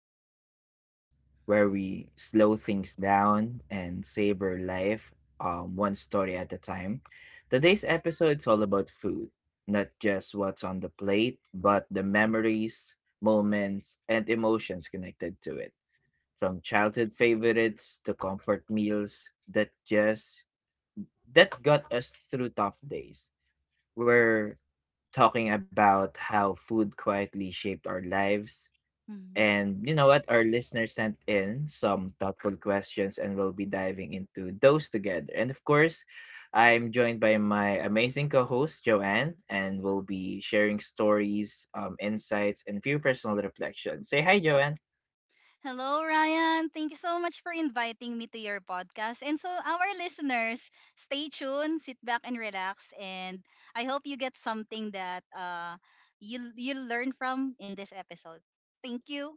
the podcast where we slow things down and savor life one story at a time. Today's episode is all about food, not just what's on the plate, but the memories, moments, and emotions connected to it. From childhood favorites to comfort meals that just that got us through tough days. We're talking about how food quietly shaped our lives. Mhm. And you know what? Our listeners sent in some thoughtful questions, and we'll be diving into those together. And of course, I'm joined by my amazing co host, Joanne, and we'll be sharing stories, insights, and few personal reflections. Say hi, Joanne. Hello, Ryan. Thank you so much for inviting me to your podcast. And so, our listeners, stay tuned, sit back and relax. And I hope you get something that you learn from in this episode. Thank you.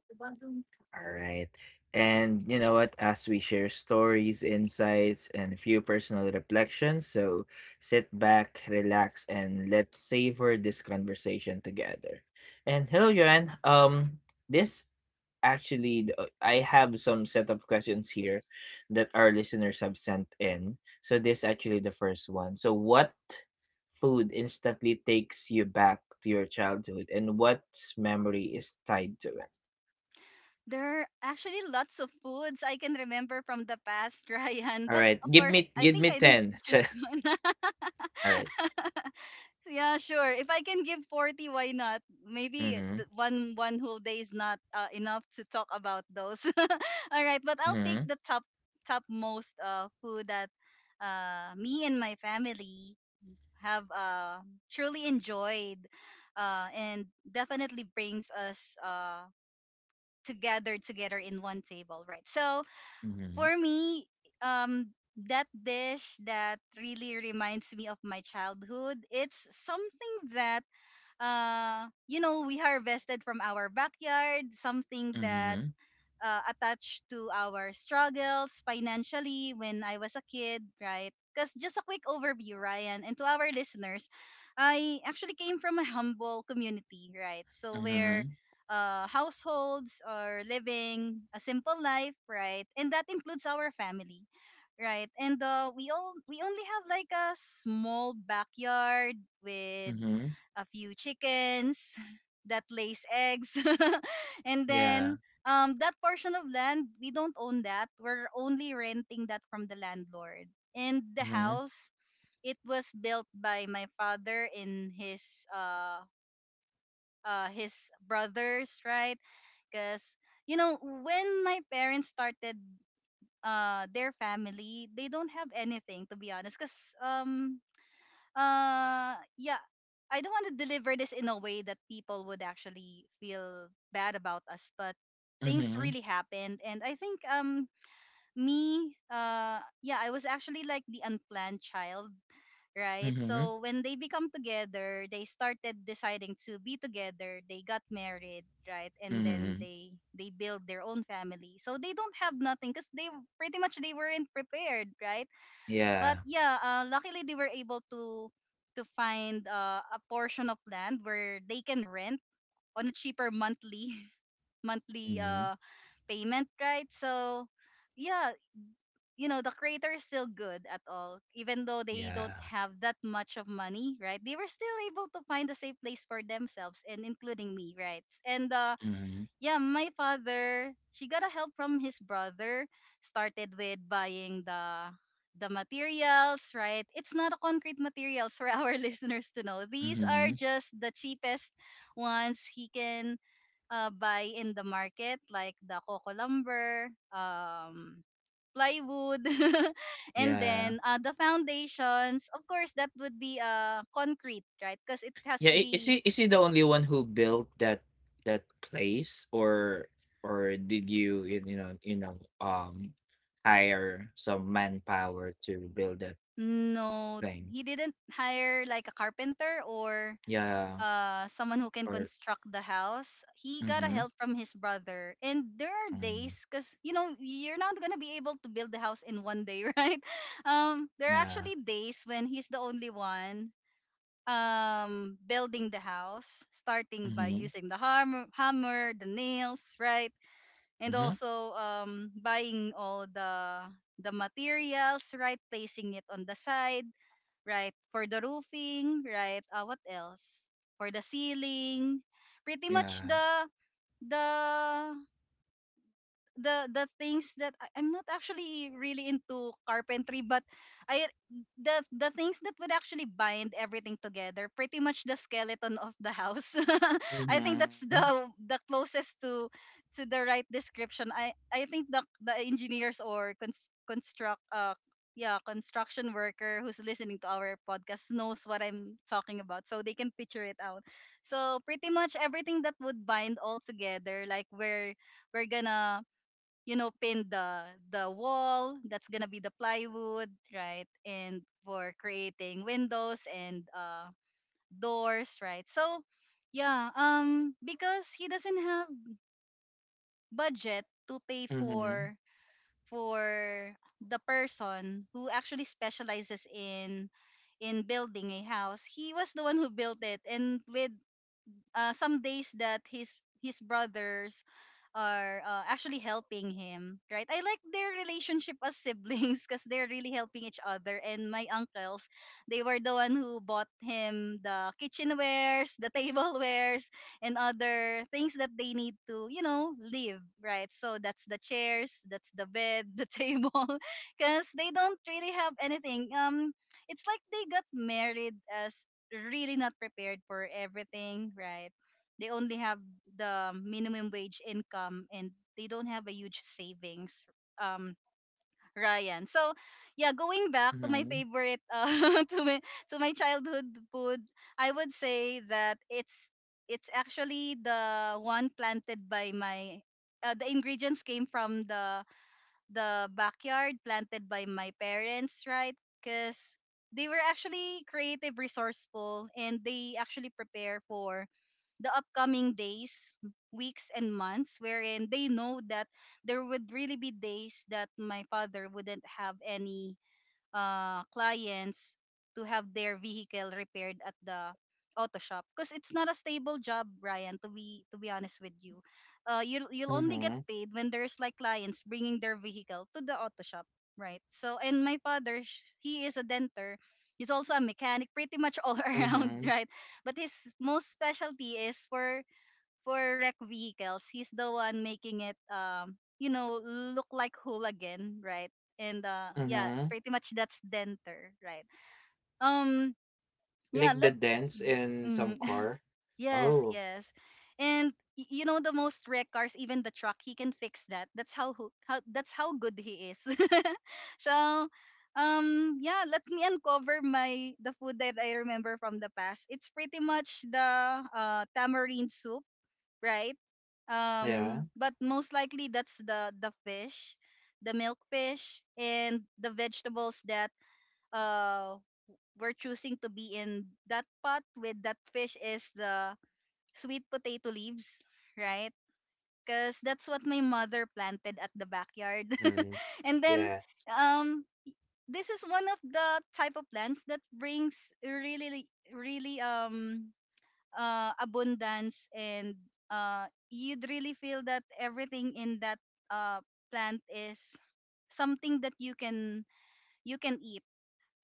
All right. And you know what? As we share stories, insights, and a few personal reflections, so sit back, relax, and let's savor this conversation together. And hello, Joanne. This I have some set of questions here that our listeners have sent in. So this actually the first one. So what food instantly takes you back to your childhood, and what memory is tied to it? There are actually lots of foods I can remember from the past, Ryan. But Alright, of course, I give think me I need 10. to Che choose one. alright. Yeah, sure. If I can give 40, why not? Maybe Mhm, one whole day is not enough to talk about those. All right, but I'll pick mhm, the top most food that me and my family have truly enjoyed and definitely brings us together in one table, right? So mhm, for me, um, that dish that really reminds me of my childhood, it's something that we harvested from our backyard, something that mhm, attached to our struggles financially when I was a kid, right? Because just a quick overview, Ryan, and to our listeners, I actually came from a humble community, right? So where mhm, households are living a simple life, right? And that includes our family, right? And we only have like a small backyard with mhm, a few chickens that lays eggs, and yeah, then that portion of land we don't own, that we're only renting that from the landlord, and the mhm, house, it was built by my father and his brothers, right? Because you know when my parents started their family, they don't have anything, to be honest, because um yeah, I don't want to deliver this in a way that people would actually feel bad about us, but things mhm, really happened. And I think me yeah, I was actually like the unplanned child, right? mhm, So when they become together, they started deciding to be together, they got married, right? And then mhm, they build their own family. So they don't have nothing because they pretty much, they weren't prepared, right? But yeah, yeah, luckily they were able to find a portion of land where they can rent on a cheaper monthly monthly mhm, payment, right? So yeah, you know the creator is still good at all, even though they don't yeah, have that much of money, right? They were still able to find a safe place for themselves and including me, right? And mhm, yeah, my father, she got a help from his brother. Started with buying the materials, right? It's not a concrete materials, for our listeners to know. These are mhm, just the cheapest ones he can buy in the market, like the coco lumber, plywood, and yeah. then the foundations. Of course, that would be concrete, right? Because it has Yeah, to I be. Is he the only one who built that that place? Or did you you you know, um, hire some manpower to build that No, thing? he didn't hire like a carpenter or Yeah, someone who can or construct the house. He got a mhm, help from his brother. And there are mm. days, cuz you know you're not going to be able to build the house in one day, right? There are Yeah. actually days when he's the only one building the house, starting by Mhm. using the the nails, right? And Mhm. also buying all the materials, right? Placing it on the side, right? For the roofing, right? What else? For the ceiling, pretty much Yeah. the the things that I'm not actually really into carpentry, but I the things that would actually bind everything together, pretty much the skeleton of the house. I think Mhm. that's the closest to the right description. I think the engineers, or construction worker, who's listening to our podcast, knows what I'm talking about, so they can picture it out. So pretty much everything that would bind all together, like where we're gonna pin the wall, that's gonna be the plywood, right? And for creating windows and doors, right? So yeah, because he doesn't have budget to pay Mhm. for the person who actually specializes in building a house, he was the one who built it. And with some days that his brothers are actually helping him, right? I like their relationship as siblings because they're really helping each other. And my uncles, they were the one who bought him the kitchenwares, the tablewares, and other things that they need to, live, right? So that's the chairs, that's the bed, the table, because they don't really have anything. It's like they got married as really not prepared for everything, right? They only have the minimum wage income, and they don't have a huge savings. Um, Ryan. So yeah, going back to my Mhm. favorite, to my childhood food, I would say that it's actually the one planted by my the ingredients came from the backyard, planted by my parents, right? Because they were actually creative, resourceful, and they actually prepare for the upcoming days, weeks, and months, wherein they know that there would really be days that my father wouldn't have any clients to have their vehicle repaired at the auto shop, because it's not a stable job, Ryan, to be honest with you. You'll Mhm. only get paid when there's like clients bringing their vehicle to the auto shop, right? So, and my father he is a denter. He's also a mechanic, pretty much all around, Mhm. right? But his most specialty is for wreck vehicles. He's the one making it, look like Hul again, right? And yeah, Mhm. pretty much that's denter, right? Um, yeah, Like let. the dents in some Mm, car. yes, Oh, yes, and you know the most wreck cars, even the truck, he can fix that. That's how that's how good he is. So, yeah, let me uncover my the food that I remember from the past. It's pretty much the tamarind soup, right? yeah. But most likely that's the fish, the milk fish, and the vegetables that uh we're choosing to be in that pot with that fish, is the sweet potato leaves, right? Because that's what my mother planted at the backyard. Mm. And then Yes. um this is one of the type of plants that brings really, really, really abundance, and you'd really feel that everything in that uh, plant is something that you can eat,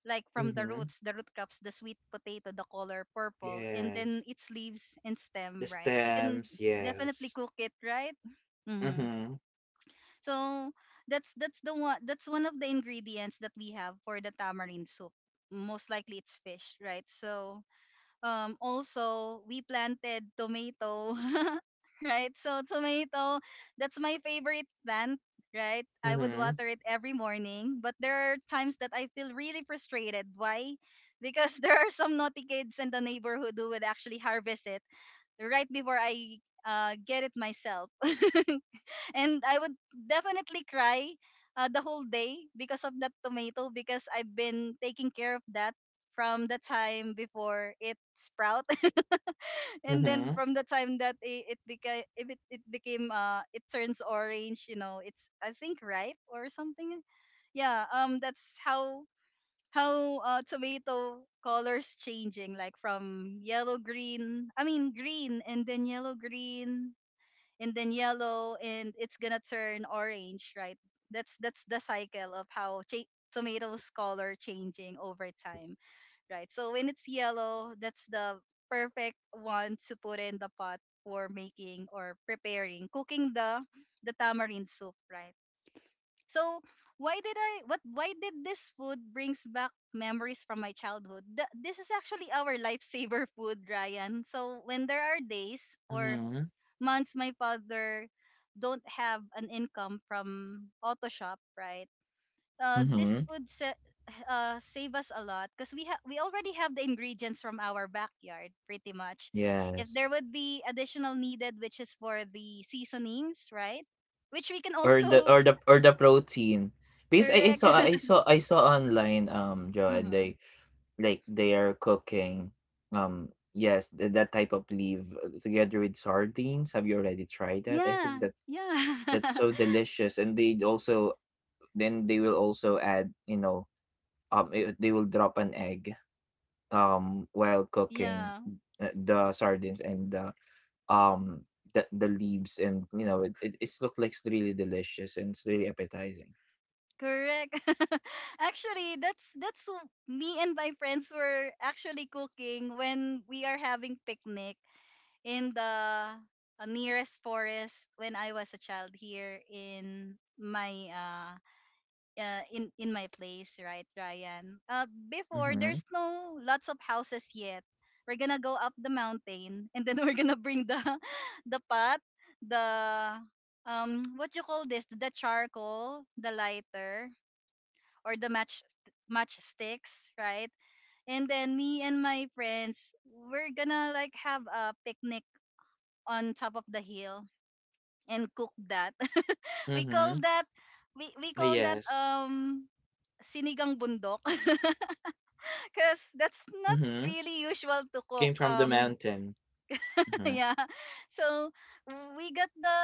like from the Mhm. roots, the root crops, the sweet potato, the color purple, and then Yes. its leaves and stem, The right? You can stems. definitely Yes. cook it, right? Mm-hmm. Mhm. So that's the one, that's one of the ingredients that we have for the tamarind soup. Most likely it's fish, right? So also we planted tomato. Right, so tomato, that's my favorite plant, right? I would Mhm. water it every morning, but there are times that I feel really frustrated, why? Because there are some naughty kids in the neighborhood who would actually harvest it right before I get it myself. And I would definitely cry the whole day, because of that tomato, because I've been taking care of that from the time before it sprouts, and then Mhm. from the time that it became, if it became, it turns orange. You know, it's, I think, ripe or something. Yeah. That's how tomato colors changing, like from yellow green, I mean green, and then yellow green, and then yellow, and it's gonna turn orange, right? That's the cycle of how tomatoes color changing over time, right? So when it's yellow, that's the perfect one to put in the pot for making, or preparing, cooking the tamarind soup, right? So why did I, what why did this food brings back memories from my childhood? This is actually our lifesaver food, Ryan. So when there are days or Mhm. months my father don't have an income from auto shop, right? This Mhm. would save us a lot, because we have we already have the ingredients from our backyard, pretty much. If there Yes. would be additional needed, which is for the seasonings, right? Which we can Or the or also. the or the protein. Because I Correct. saw I saw I saw online Joanne Hmm. they like they are cooking, yes, that type of leaf together with sardines. Have you already tried that? I think Yeah, yeah, that's so delicious. And they also then they will also add, you know, they will drop an egg while cooking yeah, the sardines and um the leaves. And you know, it it's look like it's really delicious and it's really appetizing. correct. Actually, that's me and my friends were actually cooking when we are having picnic, in the nearest forest when I was a child, here in my in my place, right, Ryan? Before, Mm-hmm. there's no lots of houses yet. We're gonna go up the mountain, and then we're gonna bring the the pot, the what you call this, the charcoal, the lighter, or the matchsticks, right? And then me and my friends, we're gonna like have a picnic on top of the hill and cook Mm-hmm. that. we call that Yes. we call that sinigang bundok because Mm-hmm. that's not really Came from usual the to cook. mountain. Mm-hmm. yeah. So we got the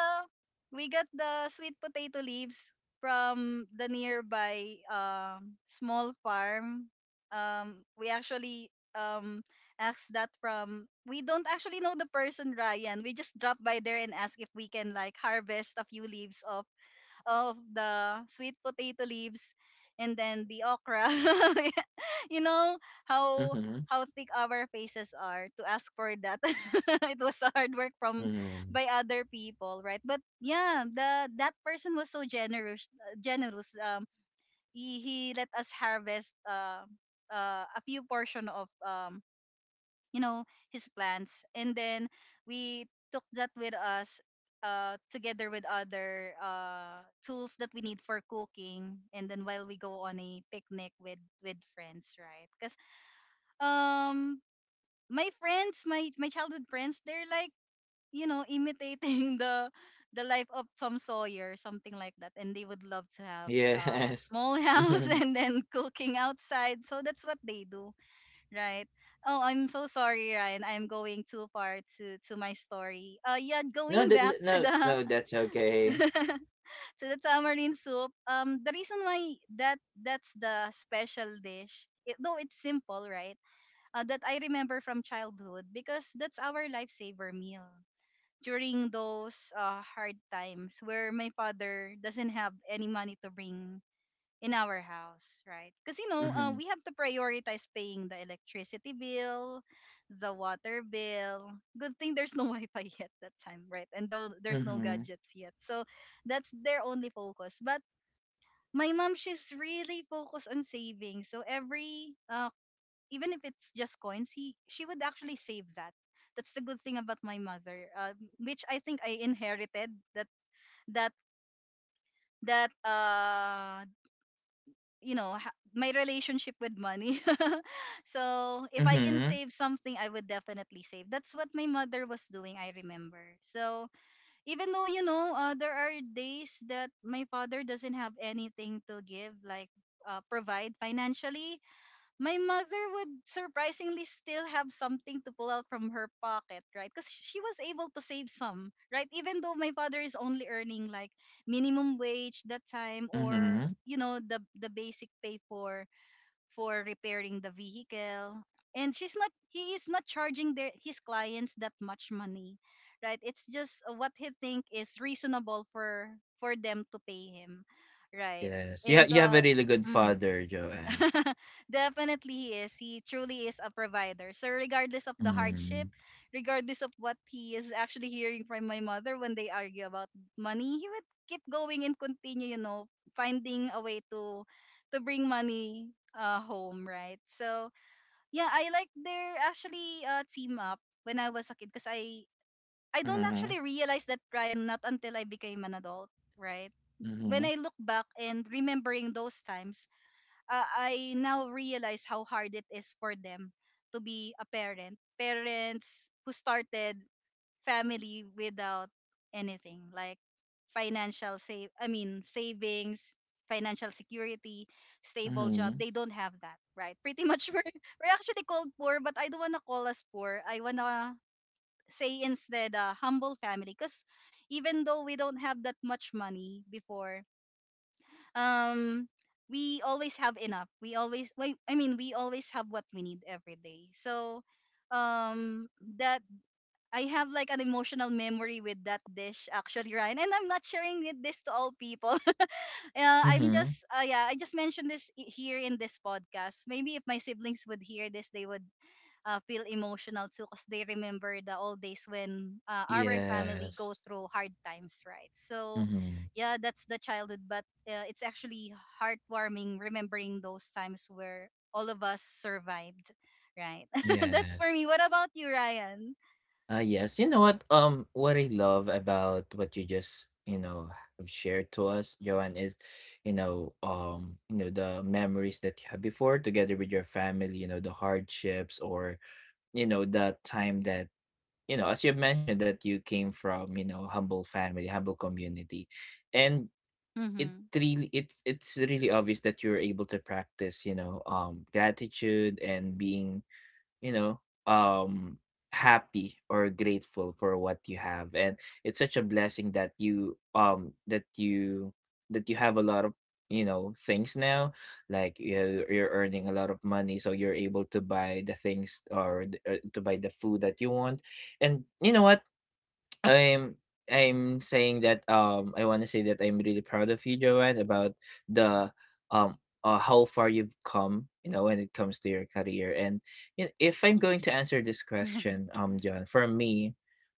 we got the sweet potato leaves from the nearby small farm. We actually asked that from, we don't actually know the person, Ryan. We just dropped by there and asked if we can like harvest a few leaves of the sweet potato leaves and then the okra. you know Mhm, how how thick our faces are to ask for that. It was hard work from mhm. by other people, right? But yeah, the that person was so generous. He let us harvest a few portion of you know his plans, and then we took that with us together with other tools that we need for cooking, and then while we go on a picnic with friends, right? Because um my friends, my childhood friends, they're like, you know, imitating the life of Tom Sawyer, something like that, and they would love to have Yes. a small house Mhm. and then cooking outside, so that's what they do, right? Oh, I'm so sorry, Ryan. I'm going too far to my story. Yeah, No, going that back that to no, the no, that's okay. to the tamarind soup. The reason why that's the special dish, it, though it's simple, right? That I remember from childhood, because that's our lifesaver meal during those hard times where my father doesn't have any money to bring in our house, right? Because, you know, Mhm, we have to prioritize paying the electricity bill, the water bill. Good thing there's no Wi-Fi yet that time, right? And though there's no mhm, gadgets yet, so that's their only focus. But my mom, she's really focused on saving. So every, even if it's just coins, he she would actually save that. That's the good thing about my mother, which I think I inherited that that. My relationship with money, so if I can mhm, save something, I would definitely save. That's what my mother was doing, I remember. So even though, you know, there are days that my father doesn't have anything to give, like provide financially, my mother would surprisingly still have something to pull out from her pocket, right? Because she was able to save some, right? Even though my father is only earning like minimum wage that time, or mhm. you know, the basic pay for repairing the vehicle, and she's not he is not charging their his clients that much money, right? It's just what he think is reasonable for them to pay him, right? Yes, And you have a really good mm, father, Joanne. definitely he is. He truly is a provider. So regardless of the hardship, Mhm, regardless of what he is actually hearing from my mother when they argue about money, he would keep going and continue, you know, finding a way to bring money home, right? So yeah, I like their actually team up when I was a kid, because I don't mhm, actually realize that, Ryan, not until I became an adult, right? When mhm, I look back and remembering those times, I now realize how hard it is for them to be a parent. Parents who started family without anything, like financial save I mean savings, financial security, stable job. mhm, They don't have that, right? Pretty much we're actually called poor, but I don't wanna call us poor. I wanna say instead a humble family, because even though we don't have that much money before, um we always have enough, we always wait I mean we always have what we need every day. So um that I have like an emotional memory with that dish actually, Ryan, and I'm not sharing this to all people. I'm mhm. just yeah, I just mentioned this here in this podcast. Maybe if my siblings would hear this, they would feel emotional too because they remember the old days when our family go Yes. through hard times, right? So Mhm, yeah, that's the childhood, but it's actually heartwarming remembering those times where all of us survived, right? That's for yes. me. What about you, Ryan? Yes, you know what? What I love about what you just, you know, have shared to us, Joanne, is, you know, the memories that you had before together with your family, you know, the hardships, or, you know, that time that, you know, as you mentioned that you came from, you know, humble family, humble community. And it Mm-hmm. really it's really obvious that you're able to practice, you know, gratitude and being, you know, um happy or grateful for what you have. And it's such a blessing that you that you that you have a lot of, you know, things now. Like you're earning a lot of money, so you're able to buy the things or to buy the food that you want. And you know what? I'm I'm saying that I want to say that I'm really proud of you, Joanne, about the um how far you've come, you know, when it comes to your career. And you know, if I'm going to answer this question, John, for me,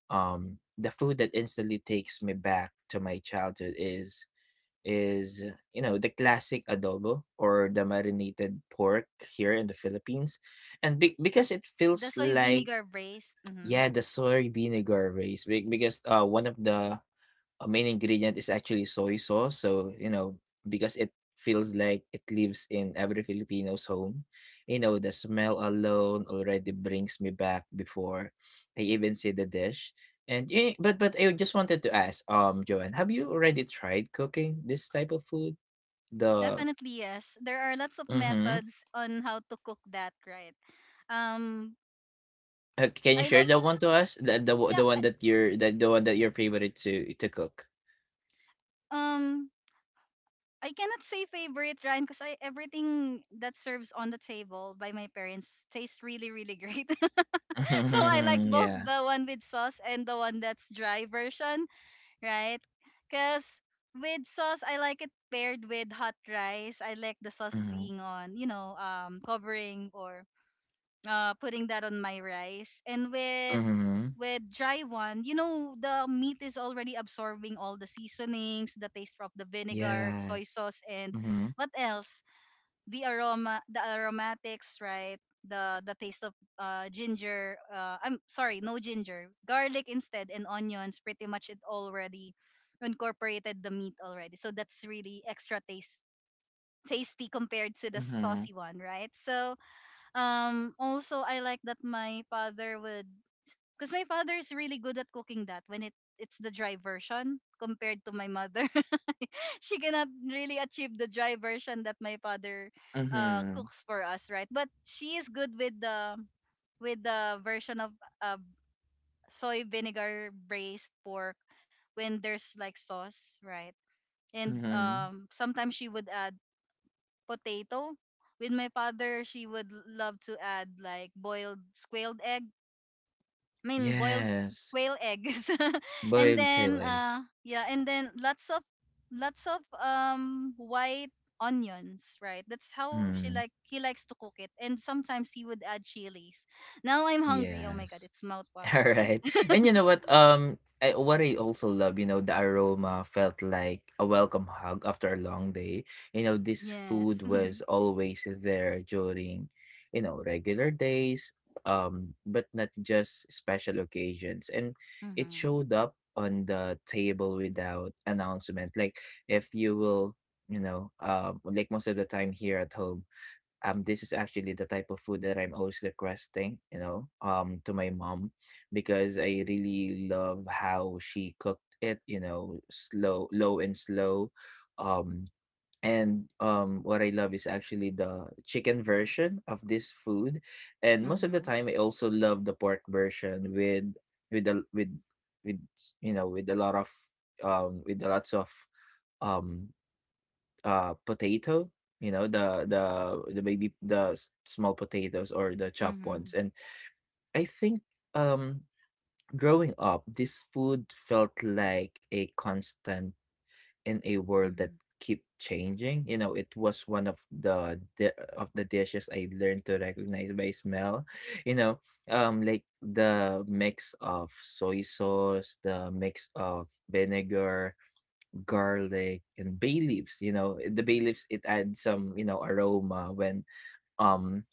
the food that instantly takes me back to my childhood is is you know, the classic adobo or the marinated pork here in the Philippines. And because it The feels soy like, vinegar braised. Mm-hmm. yeah, the soy vinegar rice. Because one of the main ingredient is actually soy sauce. So, you know, because it feels like it lives in every Filipino's home. You know, the smell alone already brings me back before I even see the dish. And but I just wanted to ask, Joanne, have you already tried cooking this type of food? The Definitely yes, there are lots of mm-hmm. methods on how to cook that, right? um Can you I share like that it, one to us? The, the yeah. the one that you're that the one that you're favorite to cook. um I cannot say favorite, Ryan, because I everything that serves on the table by my parents tastes really, really great. So I like Mhm, both yeah. the one with sauce and the one that's dry version, right? Because with sauce I like it paired with hot rice. I like the sauce Mhm, being on, you know, covering or putting that on my rice. And with mhm. Dry one, you know, the meat is already absorbing all the seasonings, the taste of the vinegar, Yes. soy sauce, and Mhm, what else? The aroma, the aromatics, right? The taste of ginger. I'm sorry, no ginger, garlic instead, and onions. Pretty much, it already incorporated the meat already. So that's really extra taste tasty compared to the mhm, saucy one, right? So also, I like that my father would, because my father is really good at cooking that when it's the dry version, compared to my mother. She cannot really achieve the dry version that my father mhm, cooks for us, right? But she is good with the version of uh, soy vinegar braised pork when there's like sauce, right? And mhm. Sometimes she would add potato. With my father, she would love to add like boiled squaled egg I mean boiled Yes. quail eggs, and Boiled kale then eggs. Yeah, and then lots of white onions, right? That's how she Mm, like he likes to cook it, and sometimes he would add chilies. Now I'm hungry. Oh my god, yes. it's mouth watering. Alright. And you know what, I what I also love, you know, the aroma felt like a welcome hug after a long day. You know, this Yes. food was always there during, you know, regular days, but not just special occasions. And it Mhm. showed up on the table without announcement. Like if you will, you know, like most of the time here at home, this is actually the type of food that I'm always requesting, you know, to my mom, because I really love how she cooked it, you know, slow, low and slow. Um and what I love is actually the chicken version of this food. And most of the Mhm. time I also love the pork version with the with you know, with a lot of, with the lots of, um potato, you know, the the baby, the small potatoes or the chopped ones. Mhm. And I think, um growing up, this food felt like a constant in a world that kept changing. You know, it was one of the dishes I learned to recognize by smell. You know, like the mix of soy sauce, the mix of vinegar, garlic, and bay leaves. You know, the bay leaves, it adds some, you know, aroma when, um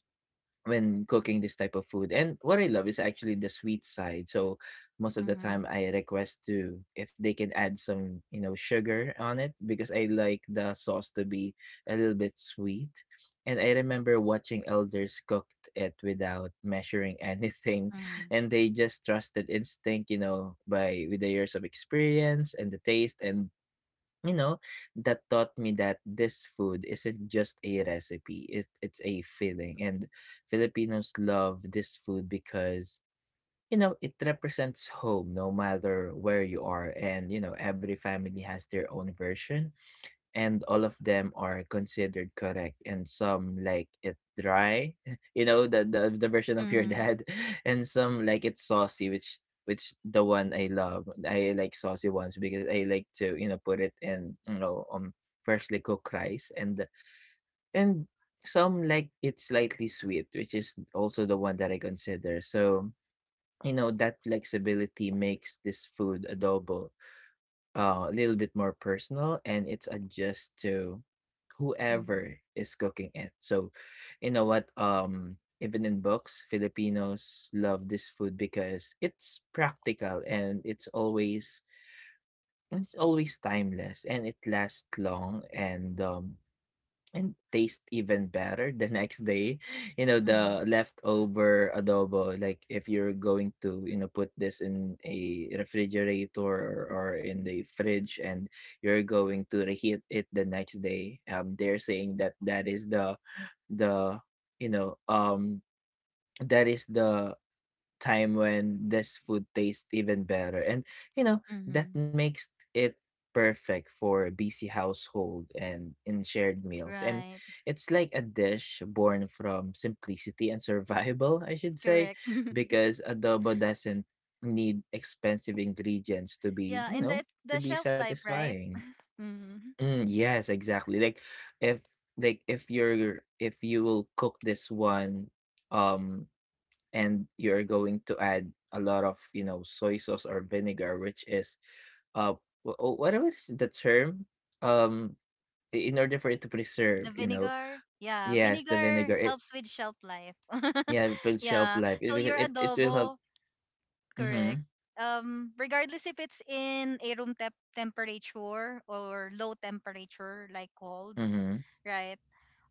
when cooking this type of food. And what I love is actually the sweet side. So most of the time Mhm. I request to if they can add some, you know, sugar on it, because I like the sauce to be a little bit sweet. And I remember watching elders cooked it without measuring anything, Mhm. and they just trusted instinct, you know, by with the years of experience and the taste. And you know, that taught me that this food isn't just a recipe, it's a feeling. And Filipinos love this food because, you know, it represents home no matter where you are. And, you know, every family has their own version, and all of them are considered correct. And some like it dry you know, the version of your Mhm. dad, and some like it saucy, which the one I love. I like saucy ones because I like to, you know, put it in, you know, freshly cooked rice. And and some like it slightly sweet, which is also the one that I consider. So you know, that flexibility makes this food adobo a little bit more personal, and it's adjust to Mhm. whoever is cooking it. So, you know what? Even in books, Filipinos love this food because it's practical, and it's always timeless, and it lasts long. And and taste even better the next day. You know, Mhm. Mhm. the Mhm. leftover adobo, like if you're going to, you know, put this in a refrigerator, or in the fridge, and you're going to reheat it the next day. They're saying that that is the the you know um that is the time when this food tastes even better. And you know, that Mhm. makes it perfect for busy household and in shared meals. And Right. it's like a dish born from simplicity and survival, I should say, Correct. because adobo doesn't need expensive ingredients to be, Yeah, you and know, that to the be shelf life, right? satisfying. Mhm. Mm, yes, exactly. Like if, you're, if you will cook this one, um and you're going to add a lot of, you know, soy sauce or vinegar, which is uh whatever is the term, um in order for it to The preserve, you know, vinegar, yeah, yes, the vinegar vinegar, helps with shelf life. It will shelf Yeah, life, so your it will help. adobo, correct. Mm-hmm, Regardless if it's in a room temp temperature or low temperature, like cold, mm-hmm. right?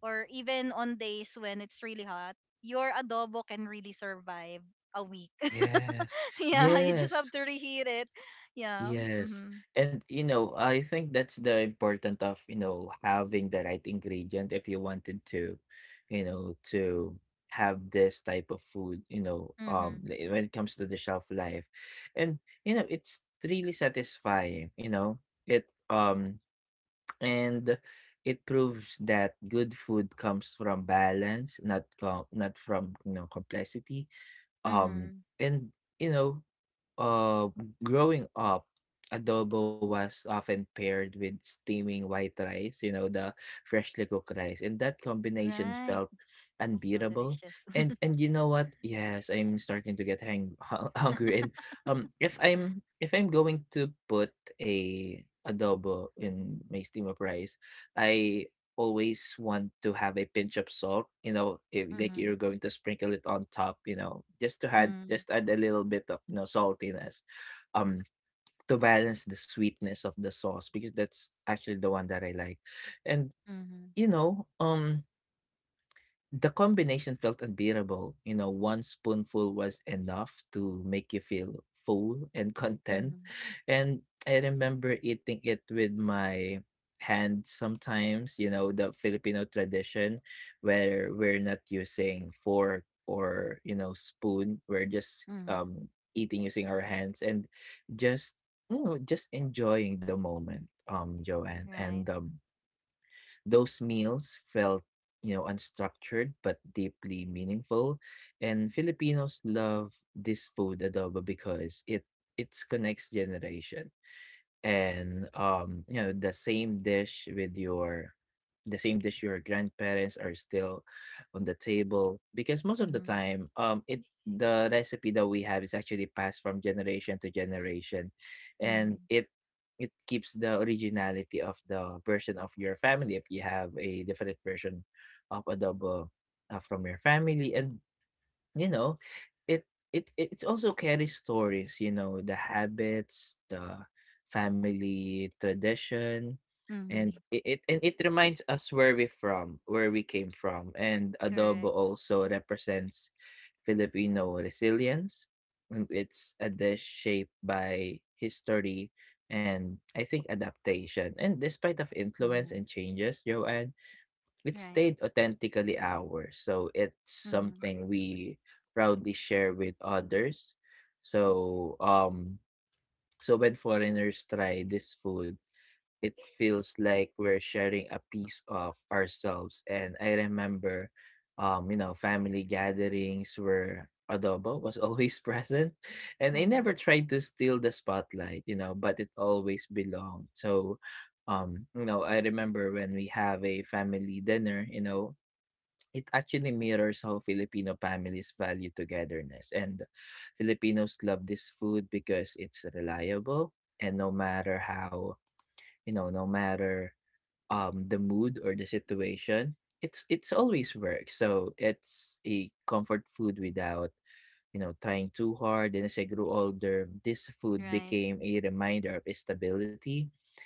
Or even on days when it's really hot, your adobo can really survive a week. Yes, Yeah, you just have yes. to reheat it. Yeah. Yes. Mhm. And you know, I think that's the important of, you know, having the right ingredient if you wanted to, you know, to have this type of food, you know, Mhm. When it comes to the shelf life. And you know, it's really satisfying, you know. It um and it proves that good food comes from balance, not not from, you know, complexity. Um Mhm. and you know uh, Growing up, adobo was often paired with steaming white rice, you know, the freshly cooked rice, and that combination Right. felt So unbeatable. delicious. And and you know what? Yes, I'm starting to get hungry. And if I'm going to put a adobo in my steam up rice, I always want to have a pinch of salt, you know, if like Mhm. you're going to sprinkle it on top, you know, Mhm. just add a little bit of saltiness, um, to balance the sweetness of the sauce because that's actually the one that I like, and Mhm. you know, um, the combination felt unbearable. You know, one spoonful was enough to make you feel full and content. Mhm. And I remember eating it with my hand sometimes, you know, the Filipino tradition where we're not using fork or, you know, spoon. We're just Mhm. Eating using our hands and just just enjoying the moment, Joanne. And Right? um those meals felt, you know, unstructured but deeply meaningful. And Filipinos love this food adobo because it connects generation and you know the same dish your grandparents are still on the table because most of the Mhm. time it the recipe that we have is actually passed from generation to generation and Mhm. it keeps the originality of the version of your family if you have a different version of adobo from your family and you know it it's also carries stories, you know, the habits, the family tradition. And Mhm. It reminds us where we came from. And adobo Correct. also represents Filipino resilience, and it's a dish shaped by history and I think adaptation. And despite of influence Mhm. and changes, Joanne, it Right. stayed authentically ours, so it's Mhm. something we proudly share with others. So, um, so when foreigners try this food, it feels like we're sharing a piece of ourselves. And I remember, you know, family gatherings where adobo was always present, and I never Mhm. tried to steal the spotlight, you know, but it always belonged. So, you know, I remember when we have a family dinner, you know, it actually mirrors how Filipino families value togetherness. And Filipinos love this food because it's reliable and no matter how, you know, no matter the mood or the situation, it's always works. So it's a comfort food without, you know, trying too hard. And as I grew older, this food Right. became a reminder of stability.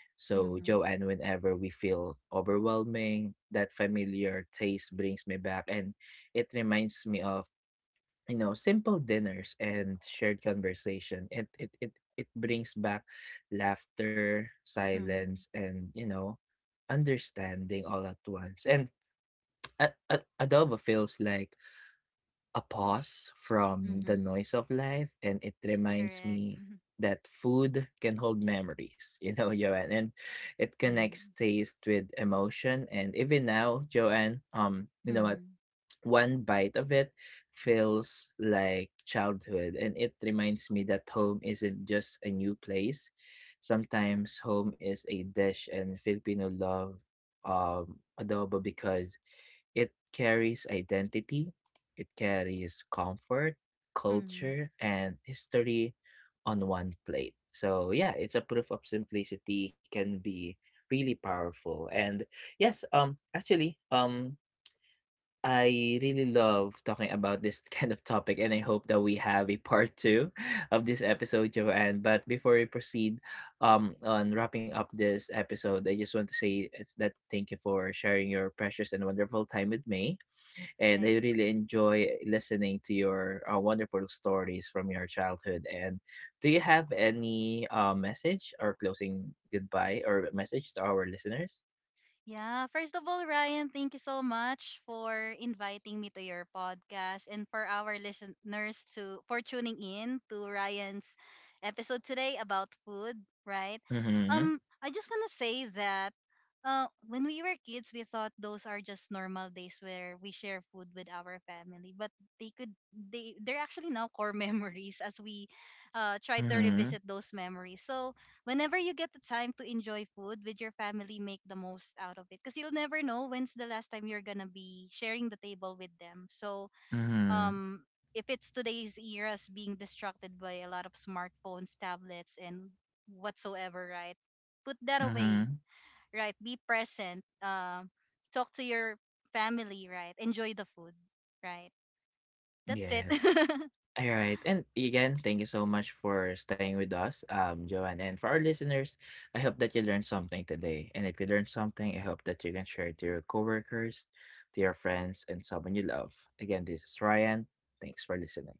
So, Mhm. Joanne, whenever we feel overwhelming, that familiar taste brings me back. And it reminds me of, you know, simple dinners and shared conversation. It brings back laughter, silence, Mhm. and, you know, understanding all at once. And adobo feels like a pause from the Mhm. noise of life, and it reminds Correct. me Mhm. that food can hold memories, you know, Joanne, and it connects Mhm. taste with emotion. And even now, Joanne, you know what? Mhm. One bite of it feels like childhood, and it reminds me that home isn't just a new place. Sometimes home is a dish, and Filipino love adobo because it carries identity, it carries comfort, Mhm. culture, and history on one plate. So yeah, it's a proof of simplicity can be really powerful. And yes, actually, I really love talking about this kind of topic, and I hope that we have a part two of this episode, Joanne. But before we proceed on wrapping up this episode, I just want to say it's that thank you for sharing your precious and wonderful time with me. And I. I really enjoy listening to your wonderful stories from your childhood. And do you have any message or closing goodbye or message to our listeners? Yeah, first of all, Ryan, thank you so much for inviting me to your podcast, and for our listeners to for tuning in to Ryan's episode today about food, right? Mm-hmm. I just want to say that when we were kids, we thought those are just normal days where we share food with our family, but they could they they're actually now core memories as we try to Mm-hmm. revisit those memories. So, whenever you get the time to enjoy food with your family, make the most out of it. Because you'll never know when's the last time you're gonna be sharing the table with them. So, Mm-hmm. um, if it's today's eras being distracted by a lot of smartphones, tablets, and whatsoever, right? Put that Mm-hmm. away, right? Be present. Talk to your family, right? Enjoy the food, right? That's it. Yes. All right. And again, thank you so much for staying with us, Joanne. And for our listeners, I hope that you learned something today. And if you learned something, I hope that you can share it to your coworkers, to your friends, and someone you love. Again, this is Ryan. Thanks for listening.